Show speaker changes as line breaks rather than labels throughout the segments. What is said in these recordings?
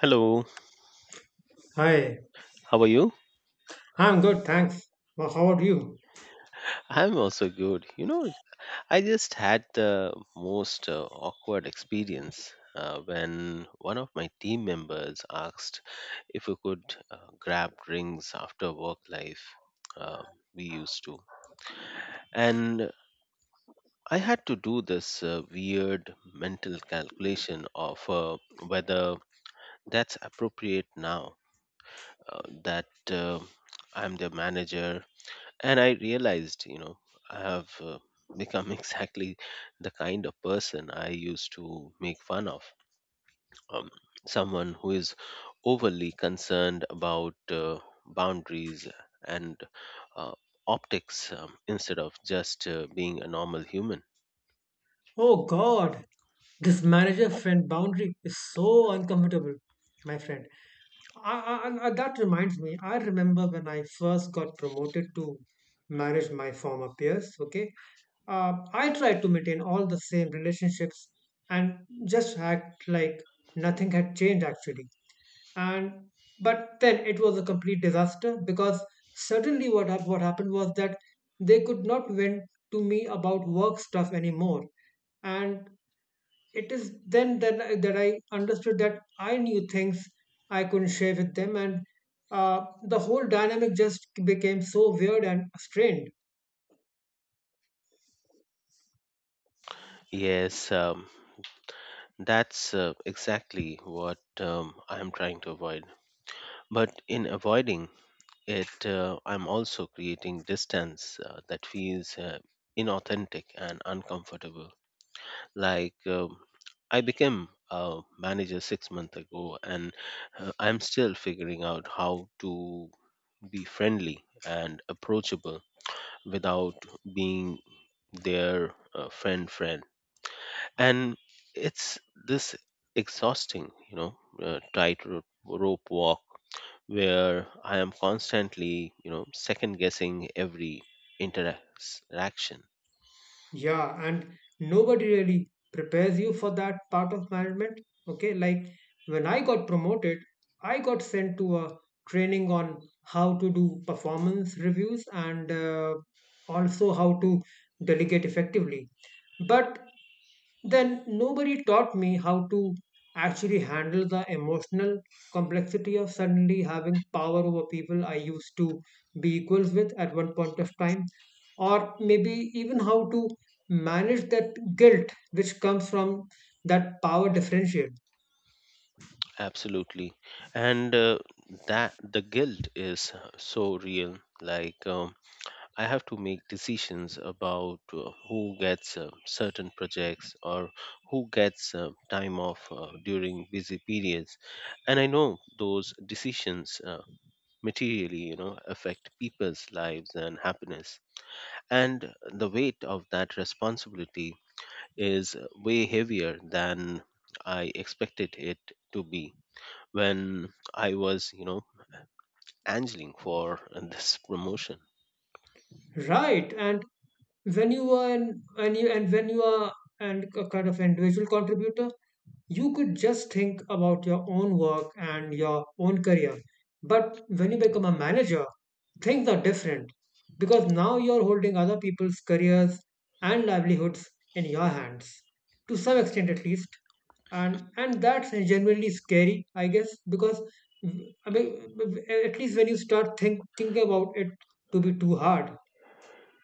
Hello,
Hi,
how are you?
I'm good, thanks. Well, how about you?
I'm also good. I just had the most awkward experience when one of my team members asked if we could grab drinks after work life uh, we used to. And I had to do this weird mental calculation of whether that's appropriate now that uh, I'm the manager, and I realized I have become exactly the kind of person I used to make fun of, um, someone who is overly concerned about boundaries and uh, optics, instead of just being a normal human.
Oh God, this manager friend boundary is so uncomfortable, my friend. I, that reminds me, I remember when I first got promoted to manage my former peers, okay? I tried to maintain all the same relationships and just act like nothing had changed actually. And but then it was a complete disaster because suddenly what happened was that they could not vent to me about work stuff anymore, and it is then that I understood that I knew things I couldn't share with them, and the whole dynamic just became so weird and strained.
Yes, that's exactly what I am trying to avoid, but in avoiding it, I'm also creating distance that feels inauthentic and uncomfortable. Like, I became a manager 6 months ago, and I'm still figuring out how to be friendly and approachable without being their friend. And it's this exhausting, tight rope walk where I am constantly, second guessing every interaction.
Yeah, and nobody really prepares you for that part of management. Okay, like when I got promoted, I got sent to a training on how to do performance reviews and also how to delegate effectively. But then nobody taught me how to actually handle the emotional complexity of suddenly having power over people I used to be equals with at one point of time, or maybe even how to manage that guilt which comes from that power differential.
Absolutely, and that the guilt is so real. Like, I have to make decisions about who gets certain projects or who gets time off during busy periods, and I know those decisions, materially affect people's lives and happiness. And the weight of that responsibility is way heavier than I expected it to be when I was, angling for this promotion.
Right, and when you are an, and you and when you are and a kind of individual contributor, you could just think about your own work and your own career. But when you become a manager, things are different because now you're holding other people's careers and livelihoods in your hands, to some extent at least. And that's genuinely scary, I guess, because mm, I mean, at least when you start thinking about it to be too hard.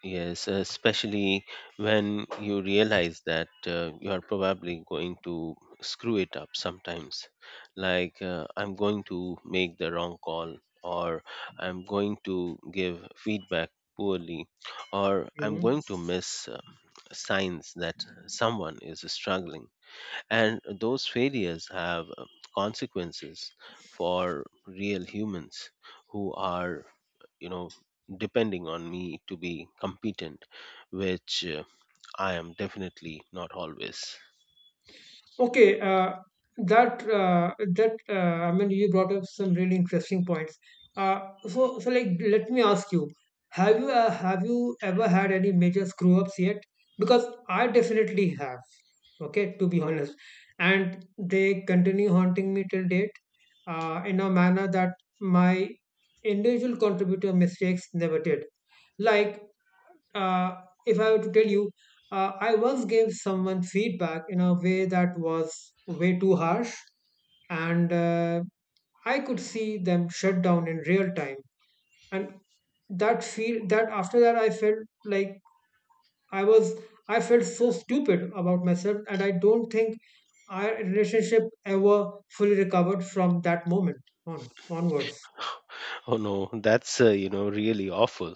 Yes, especially when you realize that you are probably going to screw it up sometimes. Like, I'm going to make the wrong call, or I'm going to give feedback poorly, or I'm
Mhm.
going to miss signs that someone is struggling, and those failures have consequences for real humans who are you know depending on me to be competent, which I am definitely not always.
Okay, that I mean, you brought up some really interesting points. Uh, so like, let me ask you, have you ever had any major screw ups yet? Because I definitely have. Okay, to be honest, and they continue haunting me till date, in a manner that my individual contributor mistakes never did. Like if I were to tell you, I once gave someone feedback in a way that was way too harsh, and I could see them shut down in real time. And that feel that after that, I felt like I was I felt so stupid about myself, and I don't think our relationship ever fully recovered from that moment on onwards.
Oh no, that's really awful,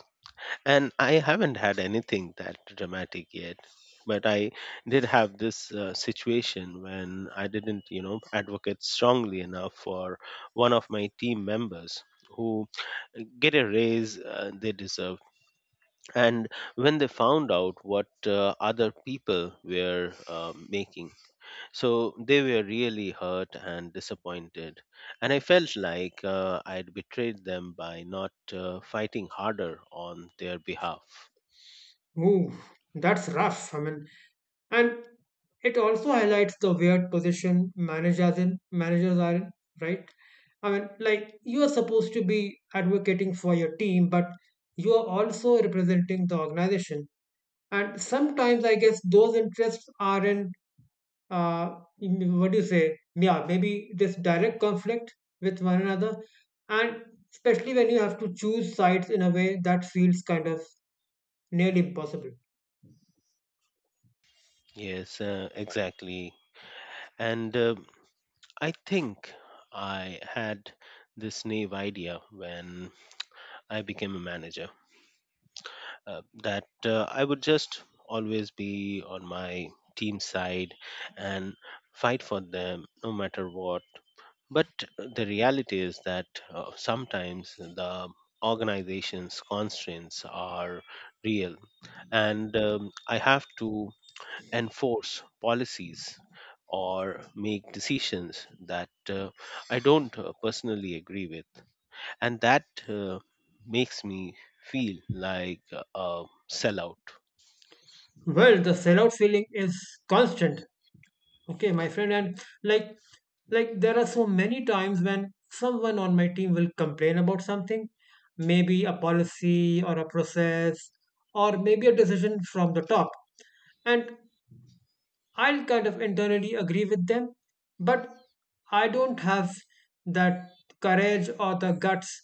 and I haven't had anything that dramatic yet. But I did have this situation when I didn't, advocate strongly enough for one of my team members who didn't get a raise they deserve. And when they found out what other people were making, so they were really hurt and disappointed. And I felt like I'd betrayed them by not fighting harder on their behalf.
Ooh, that's rough. I mean, and it also highlights the weird position managers are in, right? I mean, like you are supposed to be advocating for your team, but you are also representing the organization. And sometimes, I guess, those interests are in what do you say? Yeah, maybe this direct conflict with one another, and especially when you have to choose sides in a way that feels kind of nearly impossible.
Yes, exactly. And I think I had this naive idea when I became a manager, that I would just always be on my team side and fight for them no matter what. But the reality is that sometimes the organization's constraints are real, and I have to enforce policies or make decisions that I don't personally agree with. And that makes me feel like a sellout.
Well, the sellout feeling is constant, okay, my friend, and like there are so many times when someone on my team will complain about something, maybe a policy or a process or maybe a decision from the top, and I'll kind of internally agree with them, but I don't have that courage or the guts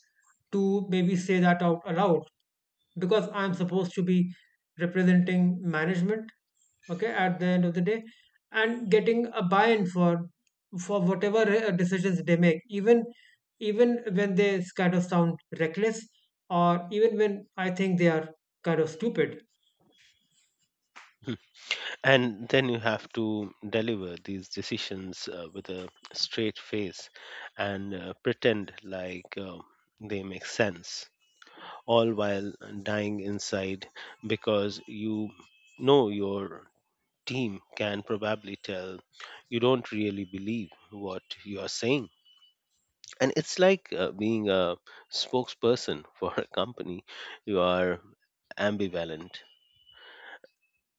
to maybe say that out aloud because I'm supposed to be representing management, okay, at the end of the day, and getting a buy-in for whatever decisions they make, even when they kind of sound reckless, or even when I think they are kind of stupid.
And then you have to deliver these decisions with a straight face and pretend like they make sense, all while dying inside because your team can probably tell you don't really believe what you are saying. And it's like being a spokesperson for a company you are ambivalent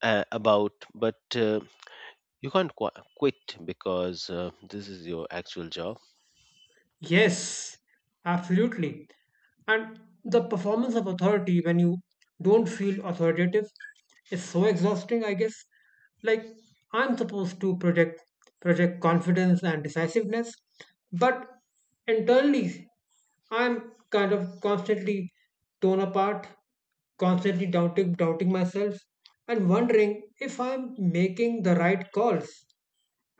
about, but you can't quit because this is your actual job.
Yes, absolutely. And the performance of authority when you don't feel authoritative is so exhausting, I guess. Like I'm supposed to project confidence and decisiveness, but internally I'm kind of constantly torn apart, constantly doubting myself and wondering if I'm making the right calls,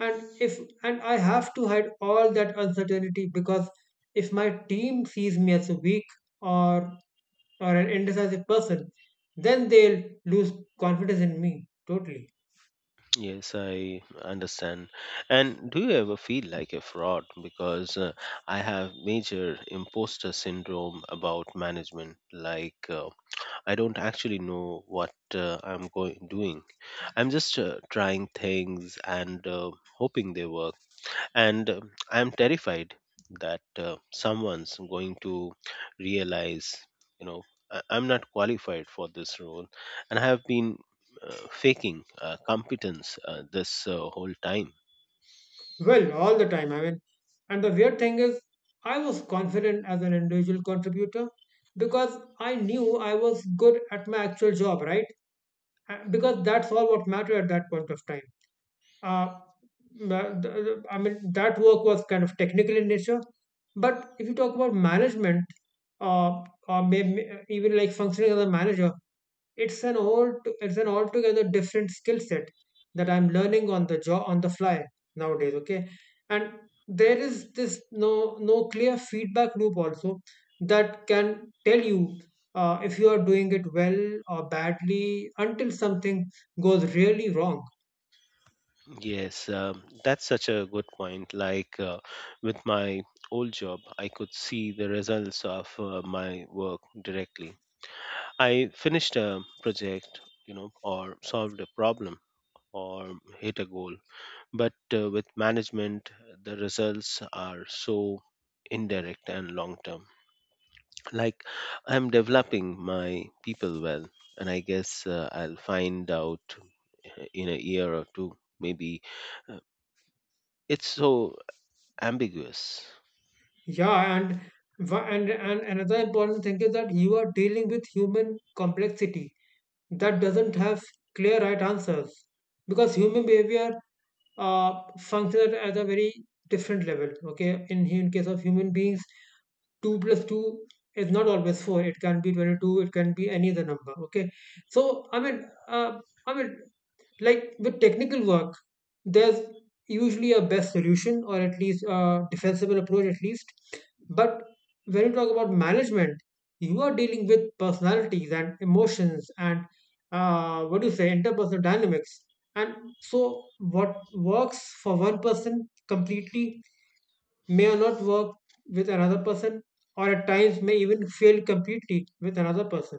and if and I have to hide all that uncertainty because if my team sees me as a weak or an indecisive person, then they'll lose confidence in me totally.
Yes, I understand. And do you ever feel like a fraud? Because I have major imposter syndrome about management, like, I don't actually know what I'm going doing. I'm just trying things and hoping they work. And I'm terrified that someone's going to realize, you know, I'm not qualified for this role, and I have been faking competence this whole time.
Well, all the time, I mean, and the weird thing is I was confident as an individual contributor because I knew I was good at my actual job, right? Because that's all what mattered at that point of time. Uh, I mean, that work was kind of technical in nature. But if you talk about management, or maybe even like functioning as a manager, it's an all it's an altogether different skill set that I'm learning on the job on the fly nowadays. Okay, and there is this no no clear feedback loop also that can tell you if you are doing it well or badly until something goes really wrong.
Yes, that's such a good point. Like, with my old job, I could see the results of my work directly. I finished a project, or solved a problem or hit a goal. But with management, the results are so indirect and long term. Like, I'm developing my people well, and I guess I'll find out in a year or two. Maybe uh, it's so ambiguous.
Yeah, and another important thing is that you are dealing with human complexity that doesn't have clear right answers because human behavior uh, functions at a very different level. Okay, in case of human beings, two plus two is not always four. It can be 22. It can be any other number. Okay, so I mean, like with technical work, there's usually a best solution or at least a defensible approach, at least. But when you talk about management, you are dealing with personalities and emotions and what do you say, interpersonal dynamics. And so, what works for one person completely may or not work with another person, or at times may even fail completely with another person.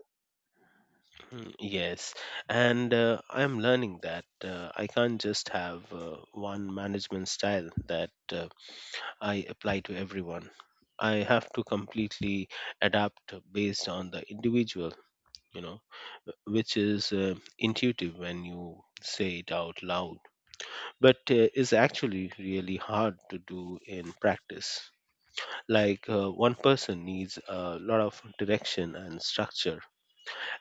Mm, yes, and I'm learning that I can't just have one management style that I apply to everyone. I have to completely adapt based on the individual, you know, which is intuitive when you say it out loud, but is actually really hard to do in practice. Like, one person needs a lot of direction and structure,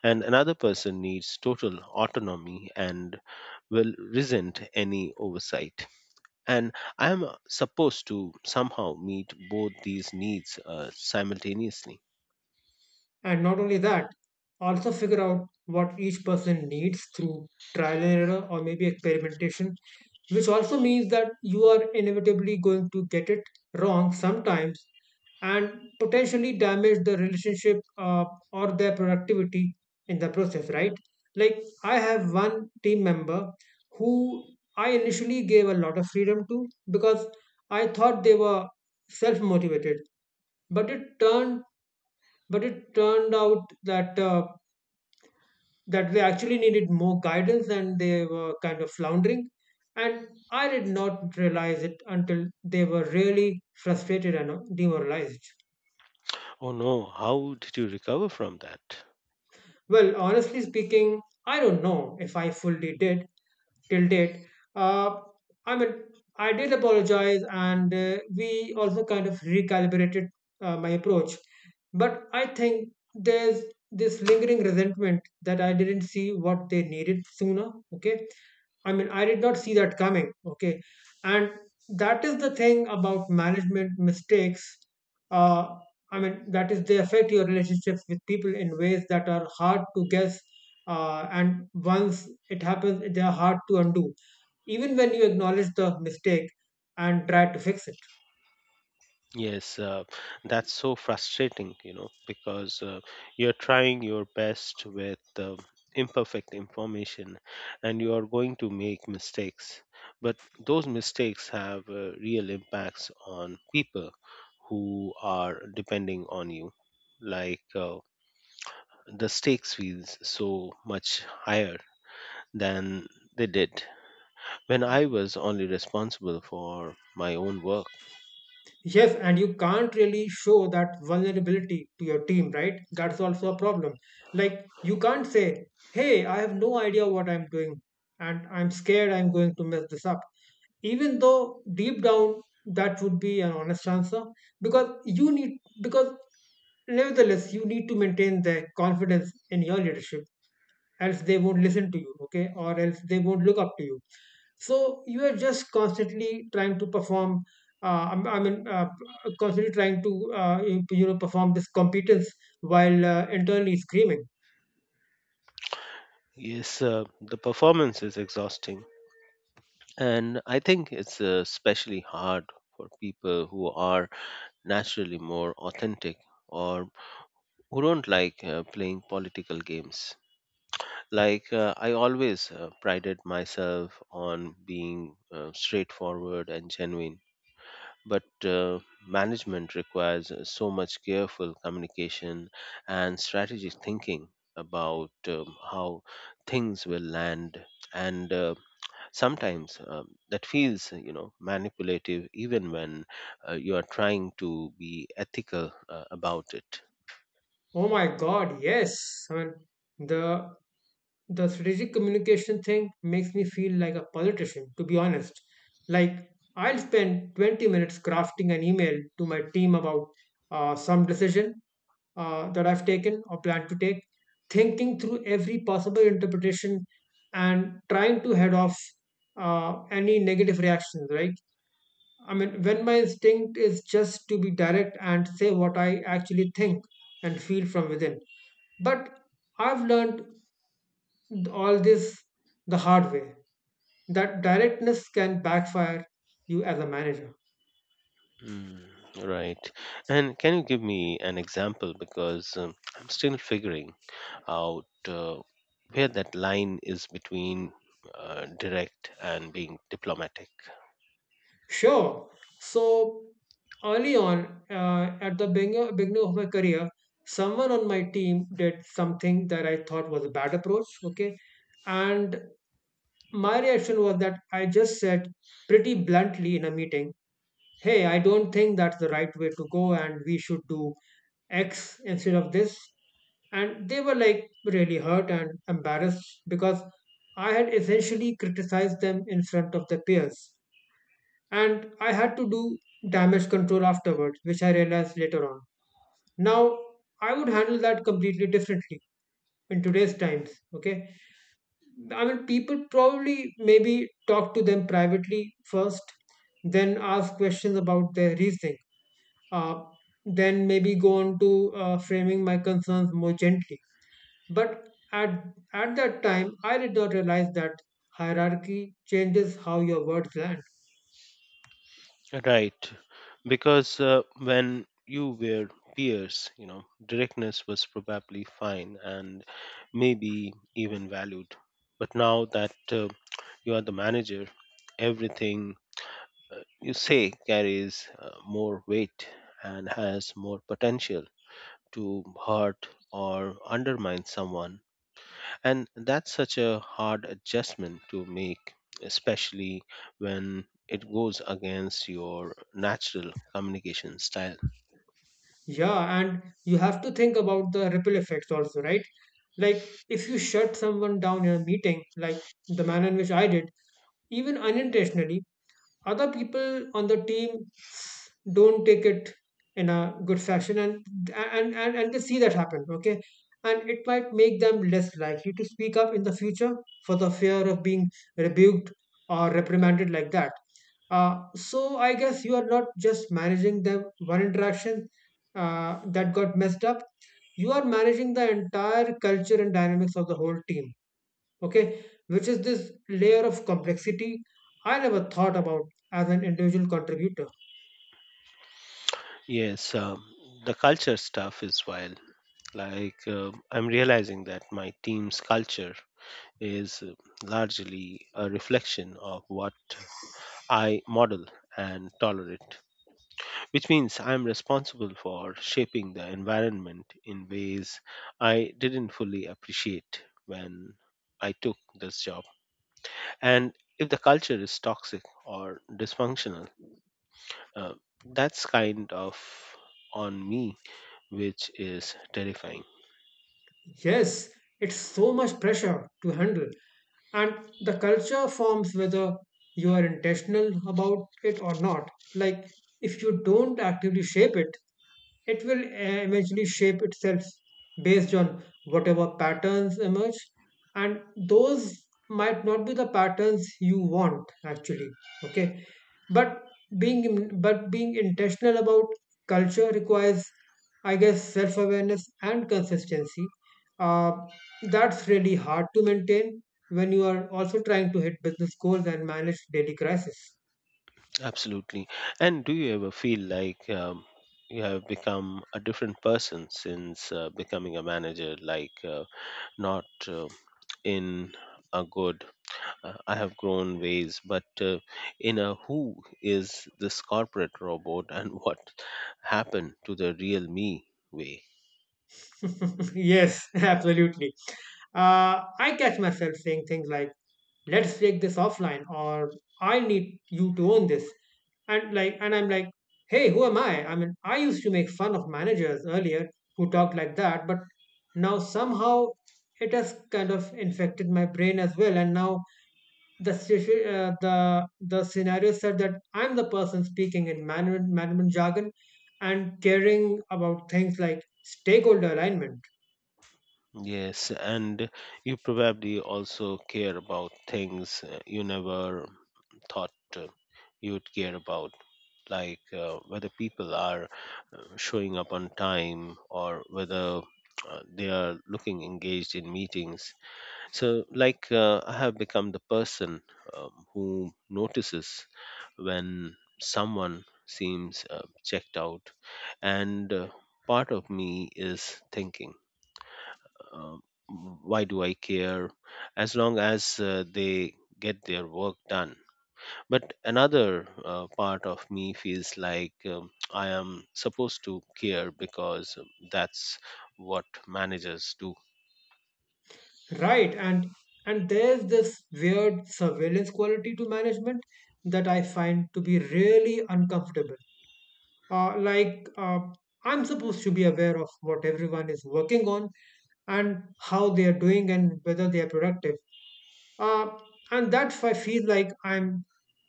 and another person needs total autonomy and will resent any oversight, and I am supposed to somehow meet both these needs simultaneously.
And not only that, also figure out what each person needs through trial and error or maybe experimentation, which also means that you are inevitably going to get it wrong sometimes and potentially damage the relationship or their productivity in the process, right? Like, I have one team member who I initially gave a lot of freedom to because I thought they were self motivated, but it turned but it turned out that they actually needed more guidance and they were kind of floundering, and I did not realize it until they were really frustrated and demoralized.
Oh no, how did you recover from that?
Well, honestly speaking, I don't know if I fully did till date. Uh, I mean, I did apologize, and we also kind of recalibrated my approach. But I think there's this lingering resentment that I didn't see what they needed sooner. Okay. I mean, I did not see that coming. Okay. And that is the thing about management mistakes. Uh, I mean, that is, they affect your relationships with people in ways that are hard to guess. And once it happens, they are hard to undo, even when you acknowledge the mistake and try to fix it.
Yes, that's so frustrating, because you're trying your best with imperfect information, and you are going to make mistakes. But those mistakes have real impacts on people who are depending on you, like, the stakes feels so much higher than they did when I was only responsible for my own work.
Yes, and you can't really show that vulnerability to your team, right? That's also a problem. Like, you can't say, hey, I have no idea what I'm doing, and I'm scared I'm going to mess this up, even though deep down that would be an honest answer because you need because nevertheless, you need to maintain their confidence in your leadership, else they won't listen to you, okay, or else they won't look up to you. So you are just constantly trying to perform. Uh, i mean, uh, constantly trying to you know, perform this competence while internally screaming,
Yes, the performance is exhausting, and I think it's especially hard for people who are naturally more authentic, or who don't like playing political games. Like, I always prided myself on being straightforward and genuine, but management requires so much careful communication and strategic thinking about how things will land, and sometimes that feels manipulative even when you are trying to be ethical about it.
"Oh my God, yes!" I mean, the the strategic communication thing makes me feel like a politician, to be honest. Like, I'll spend 20 minutes crafting an email to my team about some decision that I've taken or plan to take, thinking through every possible interpretation and trying to head off any negative reactions, right? I mean, when my instinct is just to be direct and say what I actually think and feel from within. But I've learned all this the hard way. That directness can backfire you as a manager.
Mm, right. And can you give me an example? Because I'm still figuring out where that line is between direct and being diplomatic.
Sure. So early on, at beginning of my career, someone on my team did something that I thought was a bad approach. Okay. And my reaction was that I just said pretty bluntly in a meeting, hey, I don't think that's the right way to go and we should do X instead of this. And they were like really hurt and embarrassed because I had essentially criticized them in front of their peers. And I had to do damage control afterwards, which I realized later on. Now, I would handle that completely differently in today's times. Okay. I mean, people probably maybe talk to them privately first, then ask questions about their reasoning, uh, then maybe go on to framing my concerns more gently. But at that time, I did not realize that hierarchy changes how your words land.
Right. Because when you were peers, directness was probably fine and maybe even valued. But now that you are the manager, everything you say carries more weight and has more potential to hurt or undermine someone. And that's such a hard adjustment to make, especially when it goes against your natural communication style.
Yeah, and you have to think about the ripple effects also, right? Like if you shut someone down in a meeting, like the manner in which I did, even unintentionally, other people on the team don't take it in a good fashion and they see that happen. Okay. And it might make them less likely to speak up in the future for the fear of being rebuked or reprimanded like that. So I guess you are not just managing the one interaction that got messed up. You are managing the entire culture and dynamics of the whole team. Okay, which is this layer of complexity I never thought about as an individual contributor.
Yes, the culture stuff is wild. Like, I'm realizing that my team's culture is largely a reflection of what I model and tolerate, which means I'm responsible for shaping the environment in ways I didn't fully appreciate when I took this job. And if the culture is toxic or dysfunctional, uh, that's kind of on me, which is terrifying.
Yes, it's so much pressure to handle, and the culture forms whether you are intentional about it or not. Like, if you don't actively shape it, it will eventually shape itself based on whatever patterns emerge, and those might not be the patterns you want actually. Okay, but but being intentional about culture requires, I guess, self awareness and consistency, uh, that's really hard to maintain when you are also trying to hit business goals and manage daily crisis.
Absolutely. And do you ever feel like you have become a different person since becoming a manager, like, not in a good I have grown ways, but in a who is this corporate robot and what happened to the real me way?
Yes, absolutely. I catch myself saying things like, let's take this offline, or I need you to own this. And like, and I'm like, hey, who am I? I mean, I used to make fun of managers earlier who talked like that, but now somehow it has kind of infected my brain as well. And now the situ- the scenario said that I'm the person speaking in management jargon and caring about things like stakeholder alignment.
Yes, and you probably also care about things you never thought uh, you would care about, like whether people are showing up on time or whether they are looking engaged in meetings. So, like, I have become the person, who notices when someone seems checked out, and part of me is thinking, um, why do I care as long as they get their work done? But another part of me feels like I am supposed to care because that's what managers do.
Right? And there's this weird surveillance quality to management that I find to be really uncomfortable. Uh, like uh, I'm supposed to be aware of what everyone is working on and how they are doing and whether they are productive. uh, and that I feel like I'm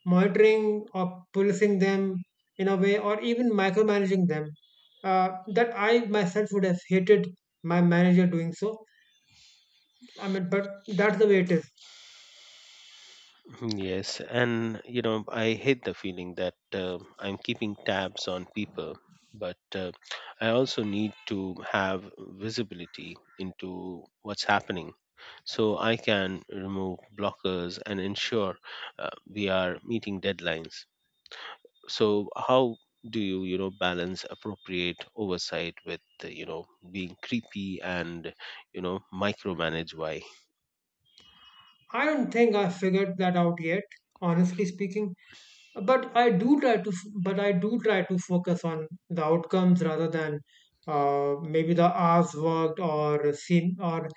monitoring or policing them in a way, or even micromanaging them. That I myself would have hated my manager doing so. I mean, but that's the way it is.
Yes, and I hate the feeling that I'm keeping tabs on people, but I also need to have visibility into what's happening so I can remove blockers and ensure we are meeting deadlines. So, how do you, balance appropriate oversight with, being creepy and, micromanage why?
I don't think I figured that out yet, honestly speaking. But I do try to, but I do try to focus on the outcomes rather than maybe the hours worked or seen, or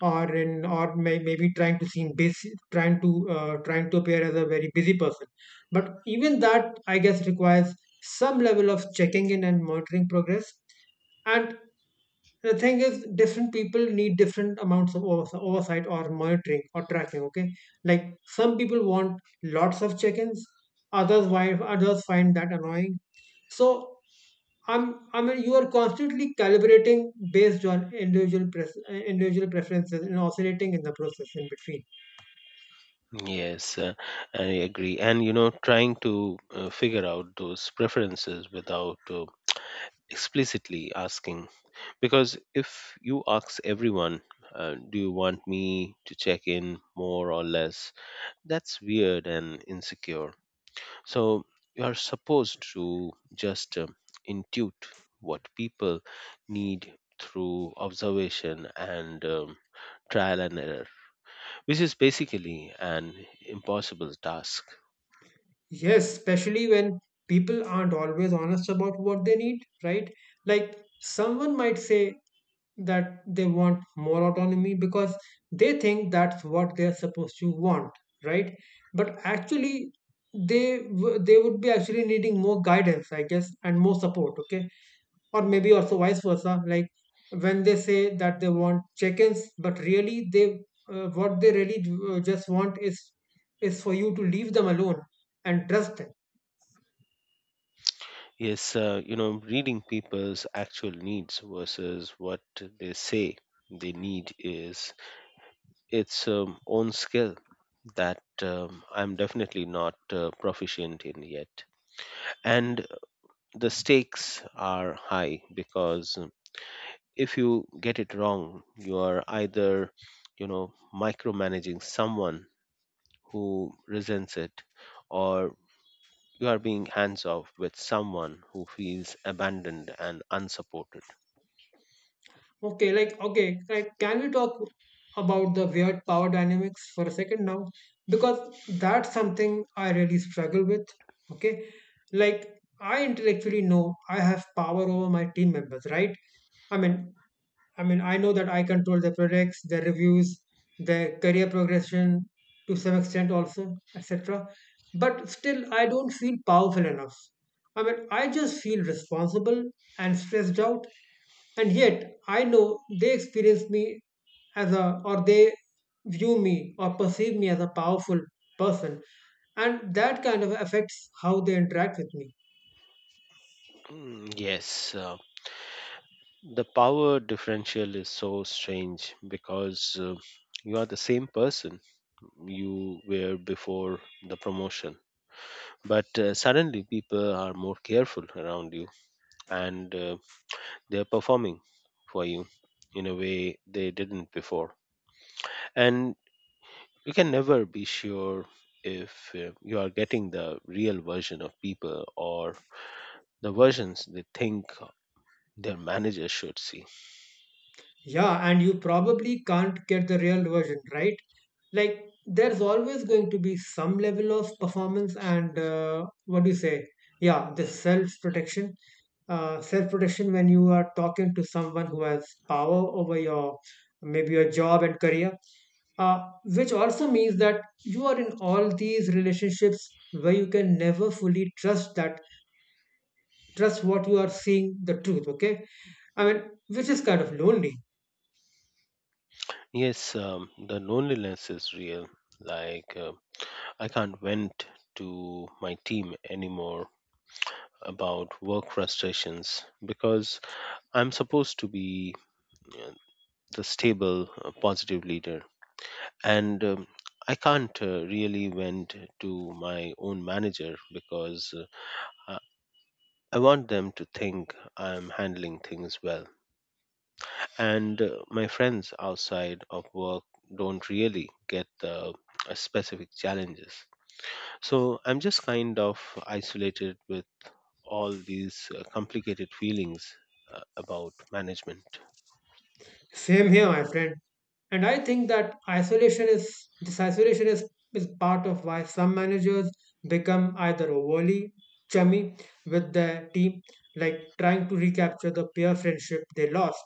maybe trying to seem busy, trying to trying to appear as a very busy person. But even that, I guess, requires some level of checking in and monitoring progress. And the thing is different people need different amounts of oversight or monitoring or tracking. Okay, like some people want lots of check-ins, others why others find that annoying. So i'm I mean you are constantly calibrating based on individual preferences and oscillating in the process in between.
Yes, I agree. And trying to figure out those preferences without explicitly asking. Because if you ask everyone, do you want me to check in more or less? That's weird and insecure. So you are supposed to just intuit what people need through observation and trial and error, which is basically an impossible task.
Yes, especially when people aren't always honest about what they need, right? Like someone might say that they want more autonomy because they think that's what they're supposed to want, right? But actually, they would be actually needing more guidance, I guess, and more support. Okay, or maybe also vice versa, like when they say that they want check-ins but really they, what they really just want is for you to leave them alone and trust them.
Is reading people's actual needs versus what they say they need is its own skill that I'm definitely not proficient in yet, and the stakes are high because, if you get it wrong, you are either micromanaging someone who resents it, or you are being hands off with someone who feels abandoned and unsupported.
Okay, can we talk about the weird power dynamics for a second now, because that's something I really struggle with. Okay, like I intellectually know I have power over my team members, right? i mean I mean, I know that I control their products, their reviews, their career progression to some extent also, etc. But still, I don't feel powerful enough. I mean, I just feel responsible and stressed out. And yet, I know they experience me as a, or they view me or perceive me as a powerful person. And that kind of affects how they interact with me.
Mm, yes, the power differential is so strange because you are the same person you were before the promotion. But suddenly people are more careful around you, and they're performing for you in a way they didn't before. And you can never be sure if you are getting the real version of people or the versions they think their manager should see.
Yeah, and you probably can't get the real version, right? Like, there's always going to be some level of performance and, what do you say? Yeah, the self protection. Self protection when you are talking to someone who has power over your, maybe your job and career, which also means that you are in all these relationships where you can never fully trust that trust what you are seeing the truth. Okay, I mean, which is kind of lonely.
Yes, the loneliness is real. Like, I can't vent to my team anymore about work frustrations because I'm supposed to be uh, the stable, positive leader. And I can't really vent to my own manager because I I want them to think I'm handling things well. And my friends outside of work don't really get the specific challenges. So I'm just kind of isolated with all these complicated feelings about management.
Same here, my friend. And I think that isolation is this isolation is part of why some managers become either overly chummy with their team, like trying to recapture the peer friendship they lost,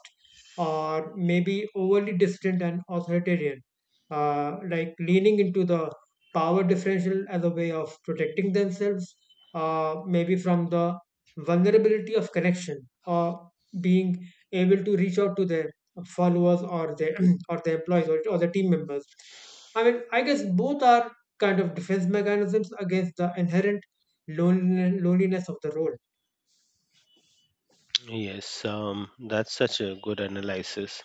or maybe overly distant and authoritarian, like leaning into the power differential as a way of protecting themselves, maybe from the vulnerability of connection, or being able to reach out to their followers or the or the employees, or the team members. I mean, I guess both are kind of defense mechanisms against the inherent loneliness of the role.
Yes, that's such a good analysis.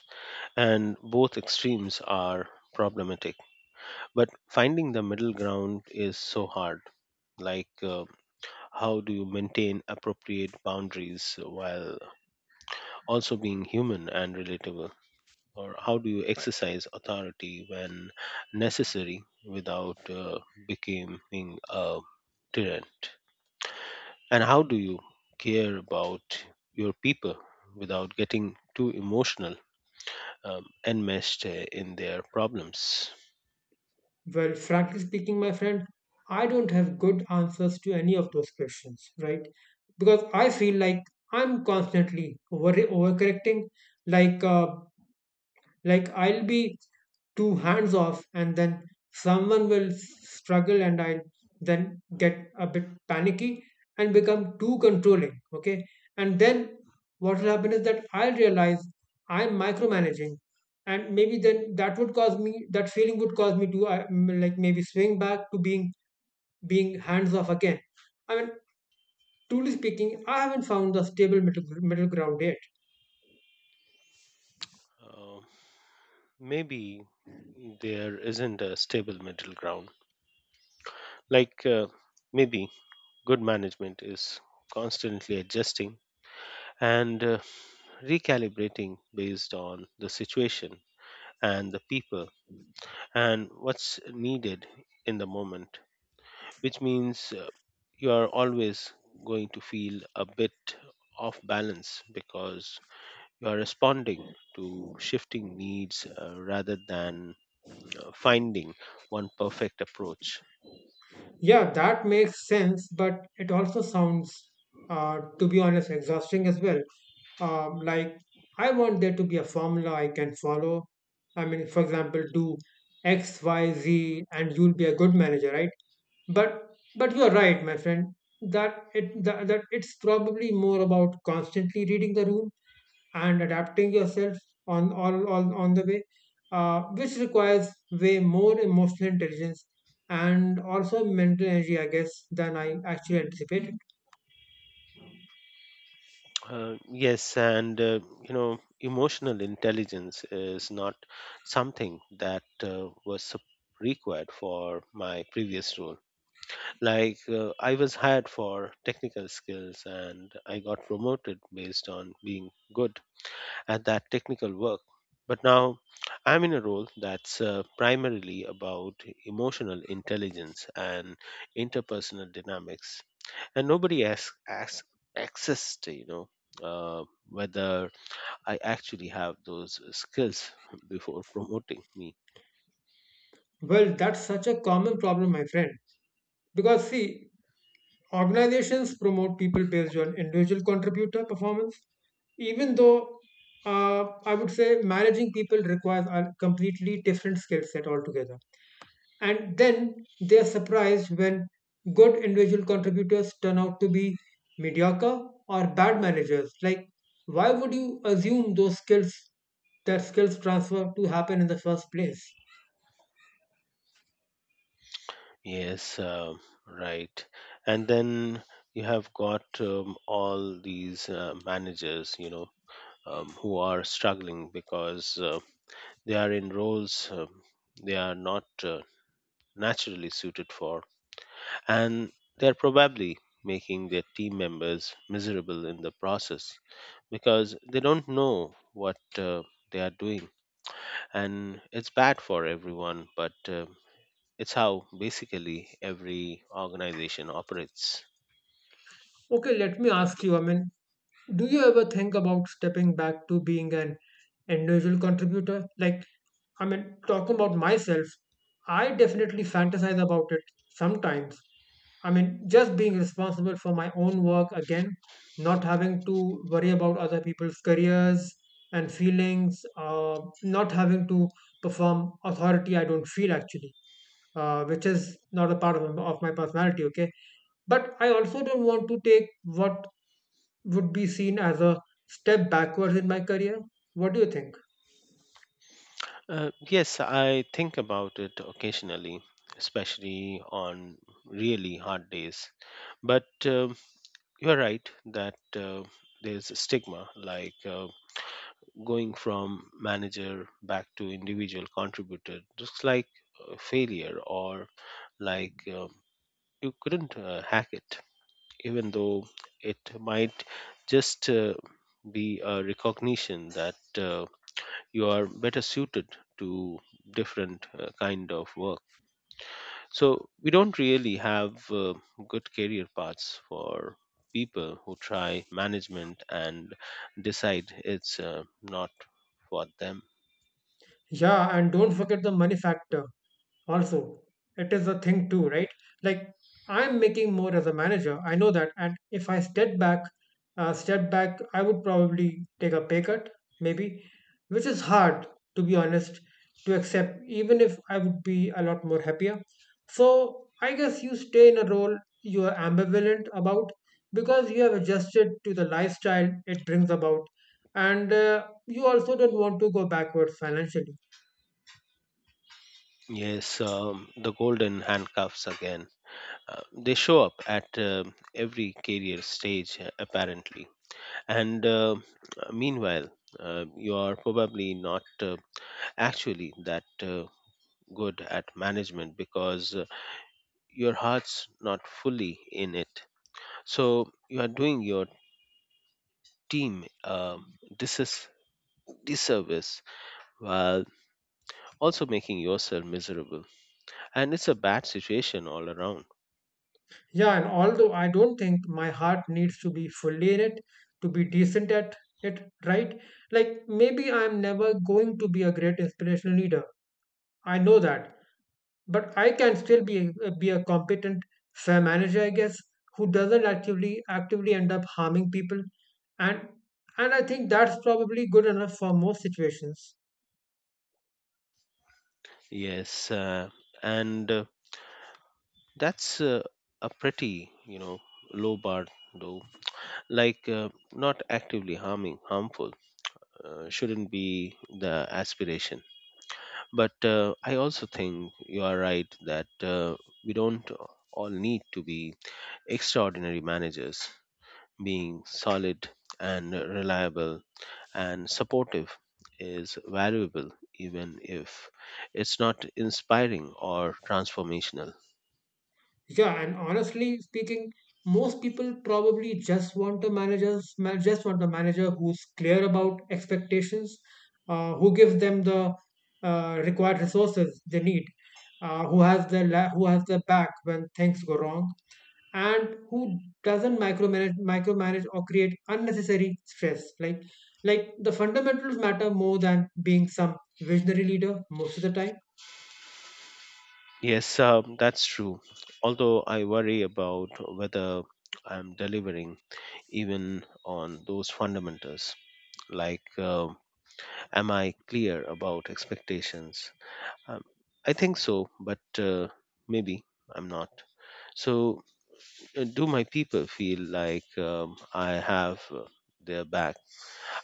And both extremes are problematic. But finding the middle ground is so hard. Like, how do you maintain appropriate boundaries while also being human and relatable? Or how do you exercise authority when necessary without becoming a tyrant? And how do you care about your people without getting too emotional and meshed in their problems?
Well, frankly speaking, my friend, I don't have good answers to any of those questions, right? Because I feel like I'm constantly overcorrecting, like, like I'll be too hands off, and then someone will struggle, and I'll then get a bit panicky and become too controlling. Okay. And then what will happen is that I'll realize I'm micromanaging. And maybe then that would cause me, that feeling would cause me to like maybe swing back to being hands off again. I mean, truly speaking, I haven't found the stable middle ground yet.
Uh, Maybe there isn't a stable middle ground. Like, maybe good management is constantly adjusting and recalibrating based on the situation and the people and what's needed in the moment, which means you are always going to feel a bit off balance because you are responding to shifting needs rather than finding one perfect approach.
Yeah, that makes sense, but it also sounds, to be honest, exhausting as well. Like, I want there to be a formula I can follow. I mean, for example, do X, Y, Z, and you'll be a good manager, right? But you're right, my friend, that it's probably more about constantly reading the room and adapting yourself on all on the way, which requires way more emotional intelligence and also mental energy, I guess, than I actually anticipated.
Yes, and you know, emotional intelligence is not something that was required for my previous role. Like, I was hired for technical skills and I got promoted based on being good at that technical work. But now I'm in a role that's primarily about emotional intelligence and interpersonal dynamics, and nobody has access to you know whether I actually have those skills before promoting me.
Well, that's such a common problem, my friend. Because see, organizations promote people based on individual contributor performance, even though, I would say managing people requires a completely different skill set altogether. And then they are surprised when good individual contributors turn out to be mediocre or bad managers. Like why would you assume those skills that skills transfer to happen in the first place.
Yes, right. And then you have got all these managers, you know, who are struggling because they are in roles they are not naturally suited for, and they are probably making their team members miserable in the process because they don't know what they are doing. And it's bad for everyone, but it's how basically every organization operates.
Okay, let me ask you, I mean, do you ever think about stepping back to being an individual contributor? Like, I mean, talking about myself, I definitely fantasize about it sometimes. I mean, just being responsible for my own work again, not having to worry about other people's careers and feelings, not having to perform authority I don't feel actually, which is not a part of my personality, okay? But I also don't want to take what would be seen as a step backwards in my career. What do you think?
Yes, I think about it occasionally, especially on really hard days. But you're right that there's a stigma, like going from manager back to individual contributor looks like a failure or like you couldn't hack it, even though it might just be a recognition that you are better suited to different kind of work. So we don't really have good career paths for people who try management and decide it's not for them.
Yeah, and don't forget the money factor also. It is a thing too, right? Like I'm making more as a manager, I know that, and if I step back, I would probably take a pay cut maybe, which is hard, to be honest, to accept even if I would be a lot more happier. So I guess you stay in a role you are ambivalent about because you have adjusted to the lifestyle it brings about, and, you also don't want to go backwards financially.
Yes, the golden handcuffs again. They show up at every career stage, apparently. And meanwhile, you are probably not actually that good at management because your heart's not fully in it. So you are doing your team this is disservice while also making yourself miserable. And it's a bad situation all around.
Yeah, and although I don't think my heart needs to be fully in it to be decent at it, right? Like maybe I'm never going to be a great inspirational leader. I know that, but I can still be a competent fair manager, I guess, who doesn't actively end up harming people, and I think that's probably good enough for most situations.
Yes, and that's a pretty, you know, low bar though. Like, not actively harmful shouldn't be the aspiration. But I also think you are right that we don't all need to be extraordinary managers. Being solid and reliable and supportive is valuable, even if it's not inspiring or transformational.
Yeah, and honestly speaking, most people probably just want a manager who's clear about expectations, who gives them the, required resources they need, who has their back when things go wrong, and who doesn't micromanage or create unnecessary stress. Like the fundamentals matter more than being some visionary leader most of the time.
Yes, that's true. Although I worry about whether I'm delivering even on those fundamentals, like am I clear about expectations? Um, I think so, but maybe I'm not. So do my people feel like I have their back?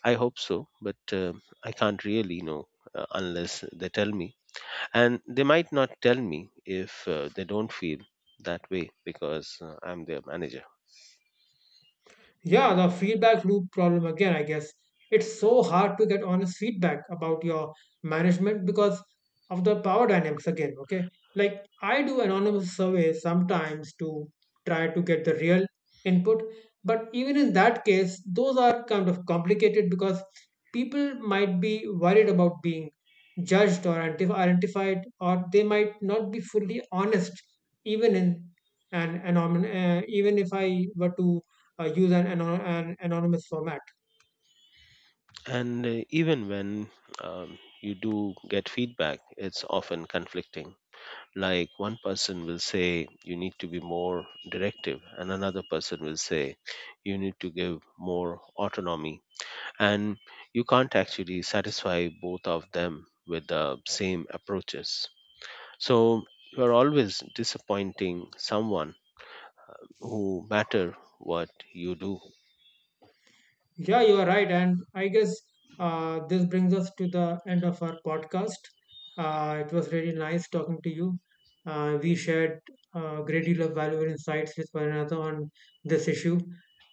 I hope so, but I can't really know unless they tell me. And they might not tell me if they don't feel that way because I'm their manager.
Yeah, the feedback loop problem again, I guess. It's so hard to get honest feedback about your management because of the power dynamics again, okay? Like, I do anonymous surveys sometimes to try to get the real input, but even in that case, those are kind of complicated because people might be worried about being judged or identified, or they might not be fully honest, even in an anonymous, even if I were to use an anonymous format.
And even when um, you do get feedback, it's often conflicting. Like one person will say, you need to be more directive, and another person will say, you need to give more autonomy, and you can't actually satisfy both of them with the same approaches. So you are always disappointing someone, who matter what you do.
Yeah, you are right. And I guess, this brings us to the end of our podcast. It was really nice talking to you. We shared a great deal of valuable insights with one another on this issue,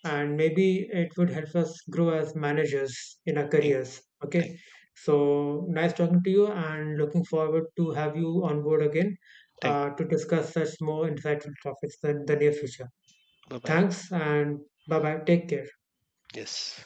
and maybe it would help us grow as managers in our
thank
careers.
thank
Okay, so nice talking to you, and looking forward to have you on board again,
thank
to discuss such more insightful topics in the near future.
Bye bye.
Thanks and bye bye. Take care.
Yes.